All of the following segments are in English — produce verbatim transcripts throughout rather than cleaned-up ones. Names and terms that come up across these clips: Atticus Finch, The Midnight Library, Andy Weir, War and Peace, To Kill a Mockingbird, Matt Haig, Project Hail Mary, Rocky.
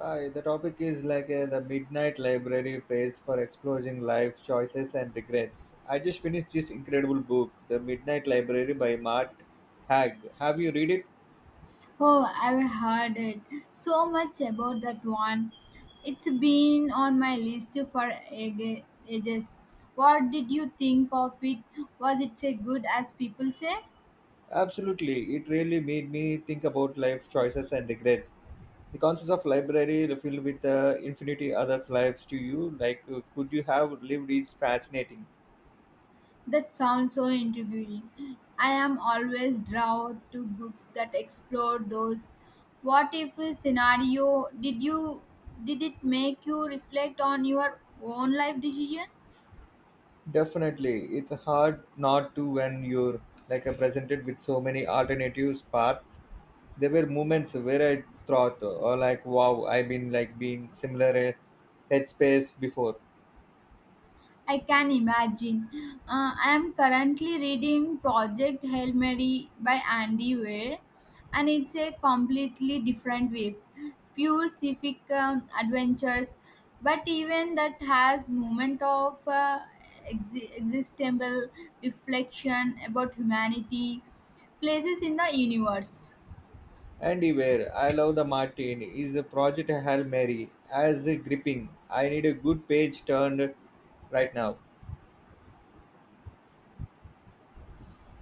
Hi, the topic is like uh, the Midnight Library Place for Exploring Life, Choices and Regrets. I just finished this incredible book, The Midnight Library by Matt Haig. Have you read it? Oh, I've heard it so much about that one. It's been on my list for ag- ages. What did you think of it? Was it as good as people say? Absolutely. It really made me think about life choices and regrets. The concept of library filled with uh, infinity others' lives to you, like uh, could you have lived, is fascinating. That sounds so intriguing. I am always drawn to books that explore those what if scenario. Did you did it make you reflect on your own life decision? Definitely, it's hard not to when you're like uh, presented with so many alternatives paths there were moments where I thought, or like, wow, I've been like being similar a headspace before. I can imagine. Uh, I am currently reading Project Hail Mary by Andy Weir, and it's a completely different wave, pure civic um, adventures, but even that has moment of uh, ex- existential reflection about humanity, places in the universe. And where I love the Martin is a project Hail Mary as a gripping. I need a good page turned right now.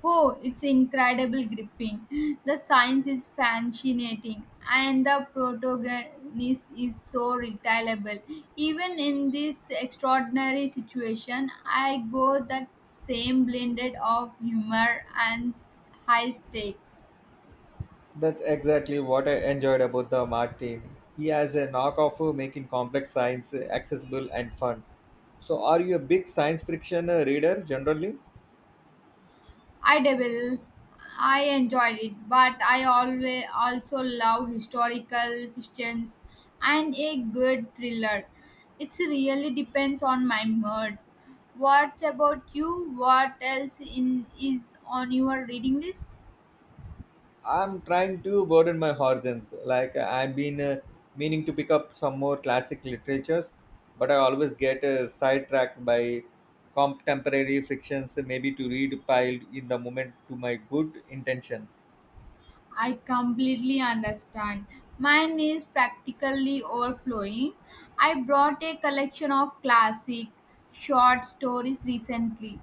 Oh, it's incredible gripping. The science is fascinating and the protagonist is so reliable. Even in this extraordinary situation, I go that same blended of humor and high stakes. That's exactly what I enjoyed about the Martin. He has a knock of making complex science accessible and fun. So, are you a big science fiction uh, reader generally? I dabble. I enjoyed it, but I always also love historical fictions and a good thriller. It really depends on my mood. What's about you? What else in is on your reading list? I'm trying to broaden my horizons. Like uh, I've been uh, meaning to pick up some more classic literatures, but I always get uh, sidetracked by contemporary fictions. Maybe to read piled in the moment to my good intentions I completely understand. Mine is practically overflowing. I brought a collection of classic short stories recently,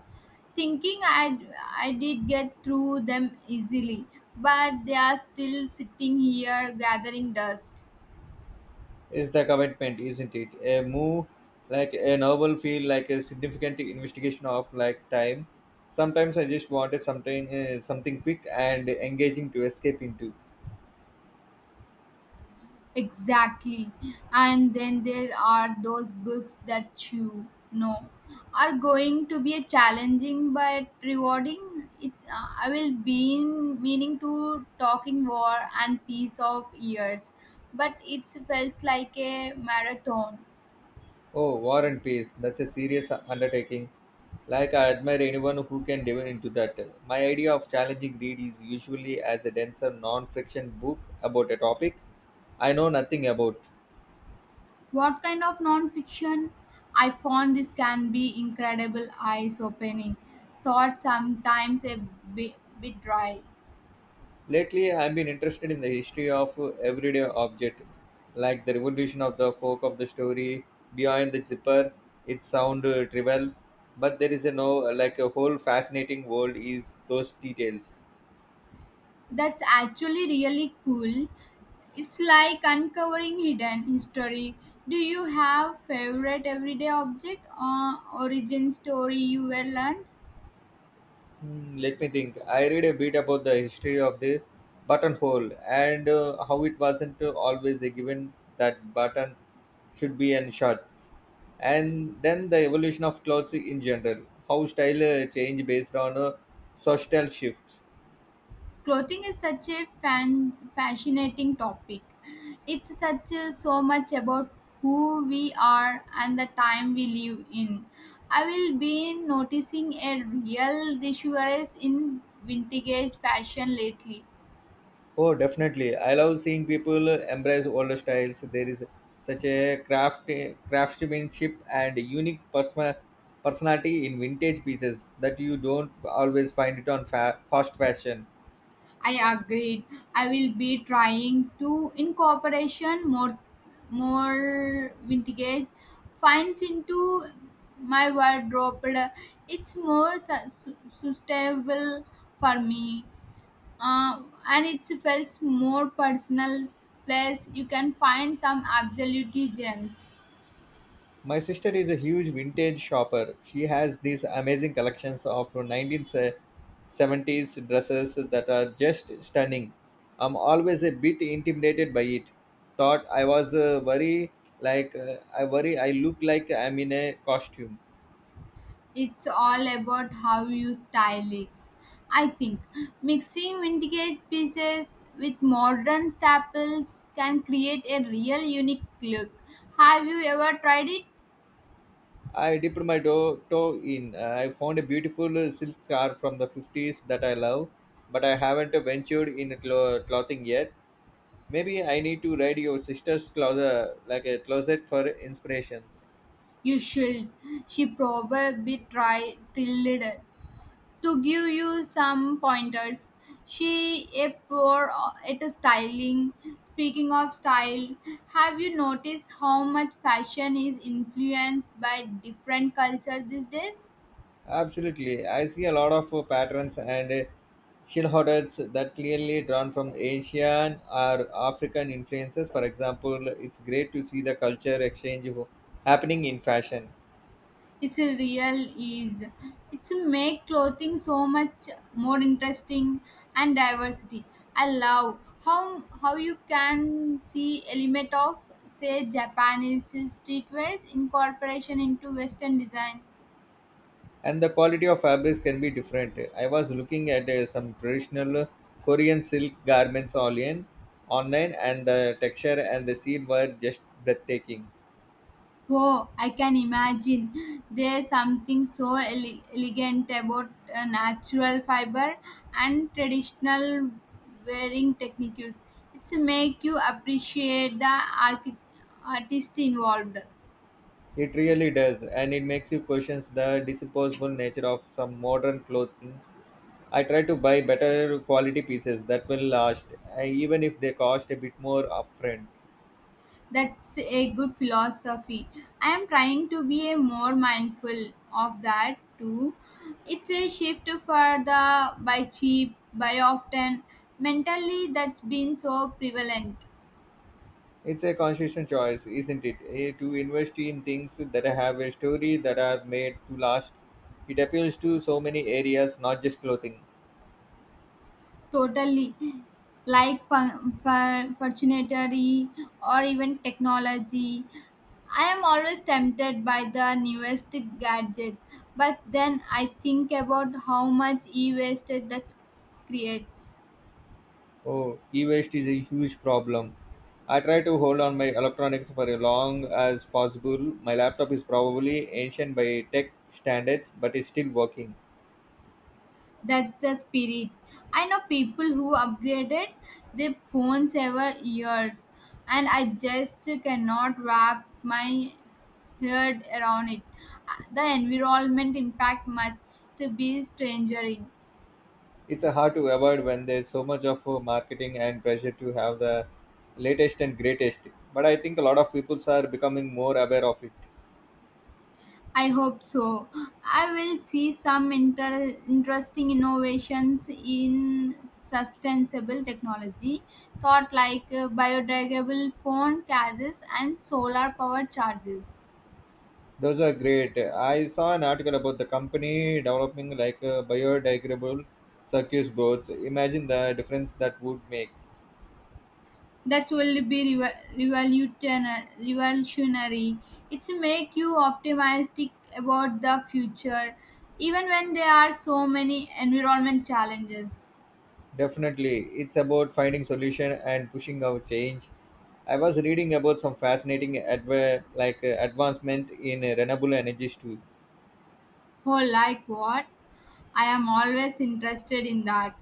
thinking I, I did get through them easily, but they are still sitting here gathering dust. is the commitment, isn't it? A move like a novel feel like a significant investigation of like time. Sometimes I just wanted something uh, something quick and engaging to escape into. Exactly. And then there are those books that you know are going to be a challenging but rewarding. It's uh, I will be in meaning to talking war and peace of years, but it felt like a marathon. Oh, War and Peace. That's a serious undertaking. Like I admire anyone who can dive into that. My idea of challenging read is usually as a denser non-fiction book about a topic I know nothing about. What kind of non-fiction? I found this can be incredible eyes-opening. Thought sometimes a bit, bit dry. Lately, I've been interested in the history of everyday object, like the revolution of the folk of the story behind the zipper. It sound uh, trivial, but there is a no like a whole fascinating world is those details. That's actually really cool. It's like uncovering hidden history. Do you have favorite everyday object or origin story you were learned? Hmm, let me think. I read a bit about the history of the buttonhole and uh, how it wasn't always a given that buttons should be in shirts. And then the evolution of clothes in general, how style uh, change based on uh, social shifts. Clothing is such a fan, fascinating topic. It's such a, so much about who we are and the time we live in. I will be noticing a real resurgence in vintage fashion lately. Oh, definitely. I love seeing people uh, embrace older styles. There is such a craft, uh, craftsmanship and unique persona, personality in vintage pieces that you don't always find it on fa- fast fashion. I agreed. I will be trying to incorporation more more vintage finds into my wardrobe. It's more su- su- sustainable for me, uh, and it feels more personal. Plus, you can find some absolute gems. My sister is a huge vintage shopper. She has these amazing collections of nineteen seventies dresses that are just stunning. I'm always a bit intimidated by it. Thought I was uh, worry like uh, I worry I look like I'm in a costume. It's all about how you style it. I think mixing vintage pieces with modern staples can create a real unique look. Have you ever tried it? I dipped my toe, toe in. I found a beautiful silk scarf from the fifties that I love, but I haven't ventured in clo- clothing yet. Maybe I need to read your sister's closet, like a closet for inspirations. You should. She probably tried tilled to give you some pointers. She a poor at a styling. Speaking of style, have you noticed how much fashion is influenced by different cultures these days? Absolutely, I see a lot of uh, patterns and uh, shield hoarders that clearly drawn from Asian or African influences. For example, it's great to see the culture exchange ho- happening in fashion, It's a real ease. It's make clothing so much more interesting and diversity. I love how how you can see element of say japanese streetwear incorporation into western design. and the quality of fabrics can be different. I was looking at uh, some traditional Korean silk garments online, online, and the texture and the seam were just breathtaking. Oh, I can imagine. There's something so ele- elegant about uh, natural fiber and traditional wearing techniques. It's make you appreciate the archi- artist involved. It really does, and it makes you question the disposable nature of some modern clothing. I try to buy better quality pieces that will last, uh, even if they cost a bit more upfront. That's a good philosophy. I am trying to be a more mindful of that too. It's a shift for the by cheap, by often mentally that's been so prevalent. It's a conscious choice, isn't it? eh, To invest in things that have a story that are made to last. It appeals to so many areas, not just clothing. Totally. Like fun, fun, fortunatory or even technology. I am always tempted by the newest gadget, but then I think about how much e waste that s- creates. Oh, e waste is a huge problem. I try to hold on my electronics for as long as possible. My laptop is probably ancient by tech standards, but it's still working. That's the spirit. I know people who upgraded their phones every years, and I just cannot wrap my heard around it. Uh, The environment impact must be staggering. It's uh, hard to avoid when there's so much of uh, marketing and pressure to have the latest and greatest. But I think a lot of people are becoming more aware of it. I hope so. I will see some inter- interesting innovations in sustainable technology, thought like uh, biodegradable phone cases and solar powered charges. Those are great. I saw an article about the company developing like a biodegradable circuit boards. Imagine the difference that would make. That will be revol- revolution- revolutionary. It's make you optimistic about the future, even when there are so many environment challenges. Definitely, it's about finding solution and pushing our change. I was reading about some fascinating adv- like uh, advancement in uh, renewable energies too. Oh, like what? I am always interested in that.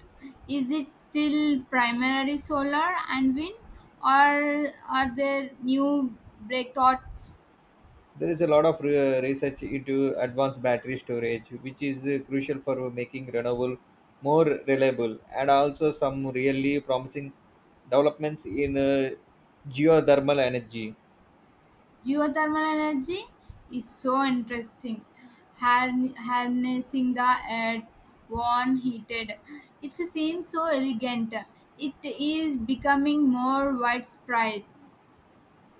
Is it still primarily solar and wind, or are there new breakthroughs? There is a lot of re- research into advanced battery storage, which is uh, crucial for making renewable more reliable, and also some really promising developments in uh, geothermal energy. Geothermal energy is so interesting. Har- Harnessing the earth, warm, heated. It seems so elegant. It is becoming more widespread.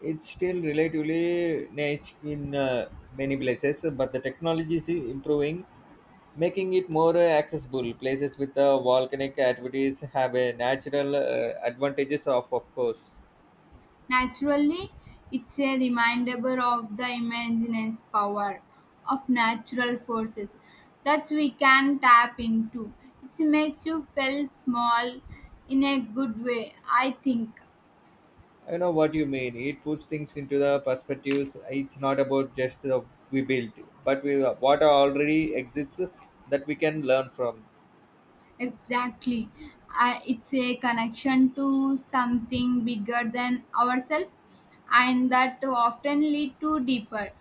It's still relatively niche in uh, many places, but the technology is improving making it more uh, accessible. Places with uh, volcanic activities have a natural uh, advantages of, of course. Naturally, it's a reminder of the immense power of natural forces that we can tap into. It makes you feel small in a good way, I think. I know what you mean. It puts things into the perspectives. It's not about just the we built, but we what already exists that we can learn from. Exactly. Uh, it's a connection to something bigger than ourselves, and that often lead to deeper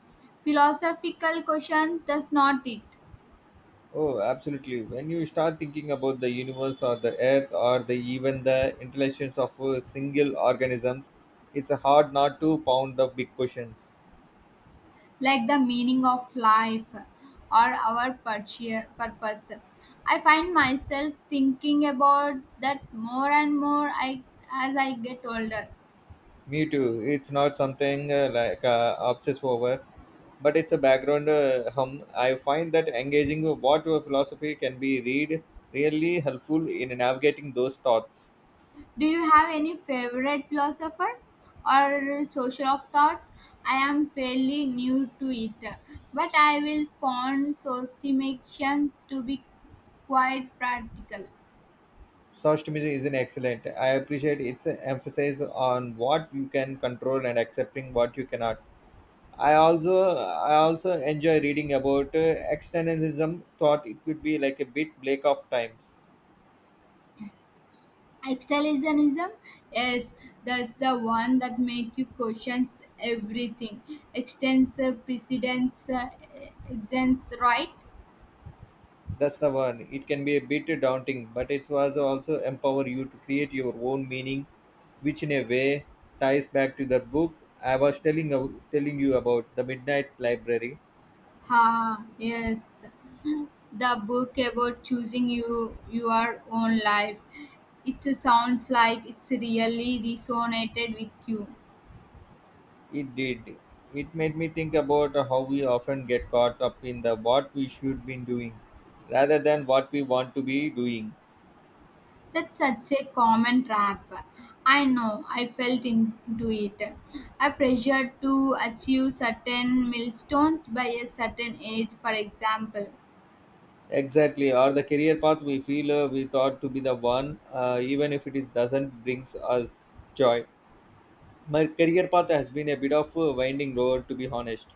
philosophical question does not it, Oh, absolutely. When you start thinking about the universe or the earth or the even the intelligence of uh, single organisms, it's hard not to pound the big questions. like the meaning of life or our purchea- purpose. I find myself thinking about that more and more I, as I get older. Me too. It's not something uh, like uh, obsess over, but it's a background uh, hum. I find that engaging with what your philosophy can be read really helpful in navigating those thoughts. Do you have any favorite philosopher or social of thought? I am fairly new to it, but I will find sostimations to be quite practical. Stoicism is an excellent. I appreciate its emphasis on what you can control and accepting what you cannot. I also I also enjoy reading about uh, externalism. Thought it could be like a bit Blake of times. Existentialism is that's the one that make you question everything. Extends uh, precedence, uh, extends right? That's the one. It can be a bit daunting, but it was also empower you to create your own meaning, which in a way ties back to the book I was telling telling you about, the Midnight Library. Ha, yes. The book about choosing you your own life, it sounds like it's really resonated with you. It did. It made me think about how we often get caught up in the what we should be doing, rather than what we want to be doing. That's such a common trap. I know I felt into it, a pressure to achieve certain milestones by a certain age for example. Exactly, or the career path we feel uh, we thought to be the one, uh, even if it is, doesn't brings us joy. My career path has been a bit of a winding road, to be honest.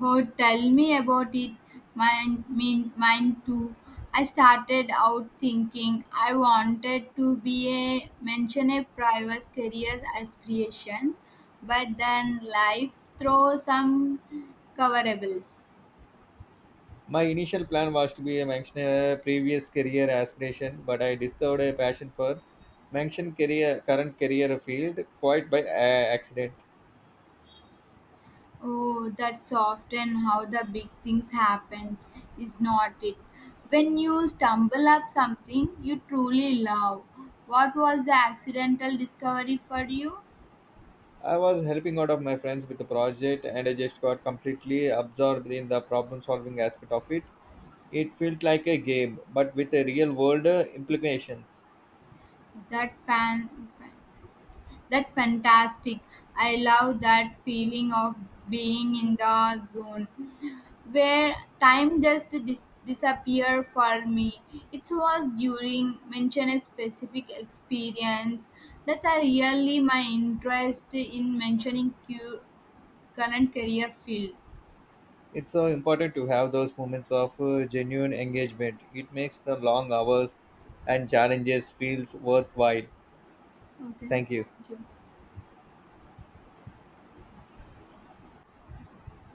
Oh, tell me about it. Mine, mean, mine too. I started out thinking I wanted to be a mention a private career aspirations, but then life throws some coverables. My initial plan was to be a mentioner, previous career aspiration, but I discovered a passion for mention career, current career field quite by a- accident. Oh, that's often how the big things happen. Is not it? When you stumble up something you truly love, what was the accidental discovery for you? I was helping out of my friends with the project, and I just got completely absorbed in the problem-solving aspect of it. It felt like a game, but with a real-world uh, implications. That fan. That fantastic. I love that feeling of being in the zone where time just dis- disappear for me. It was during mention a specific experience that's uh, really my interest in mentioning cu- current career field. It's so important to have those moments of uh, genuine engagement. It makes the long hours and challenges feels worthwhile. Okay. Thank you. Thank you.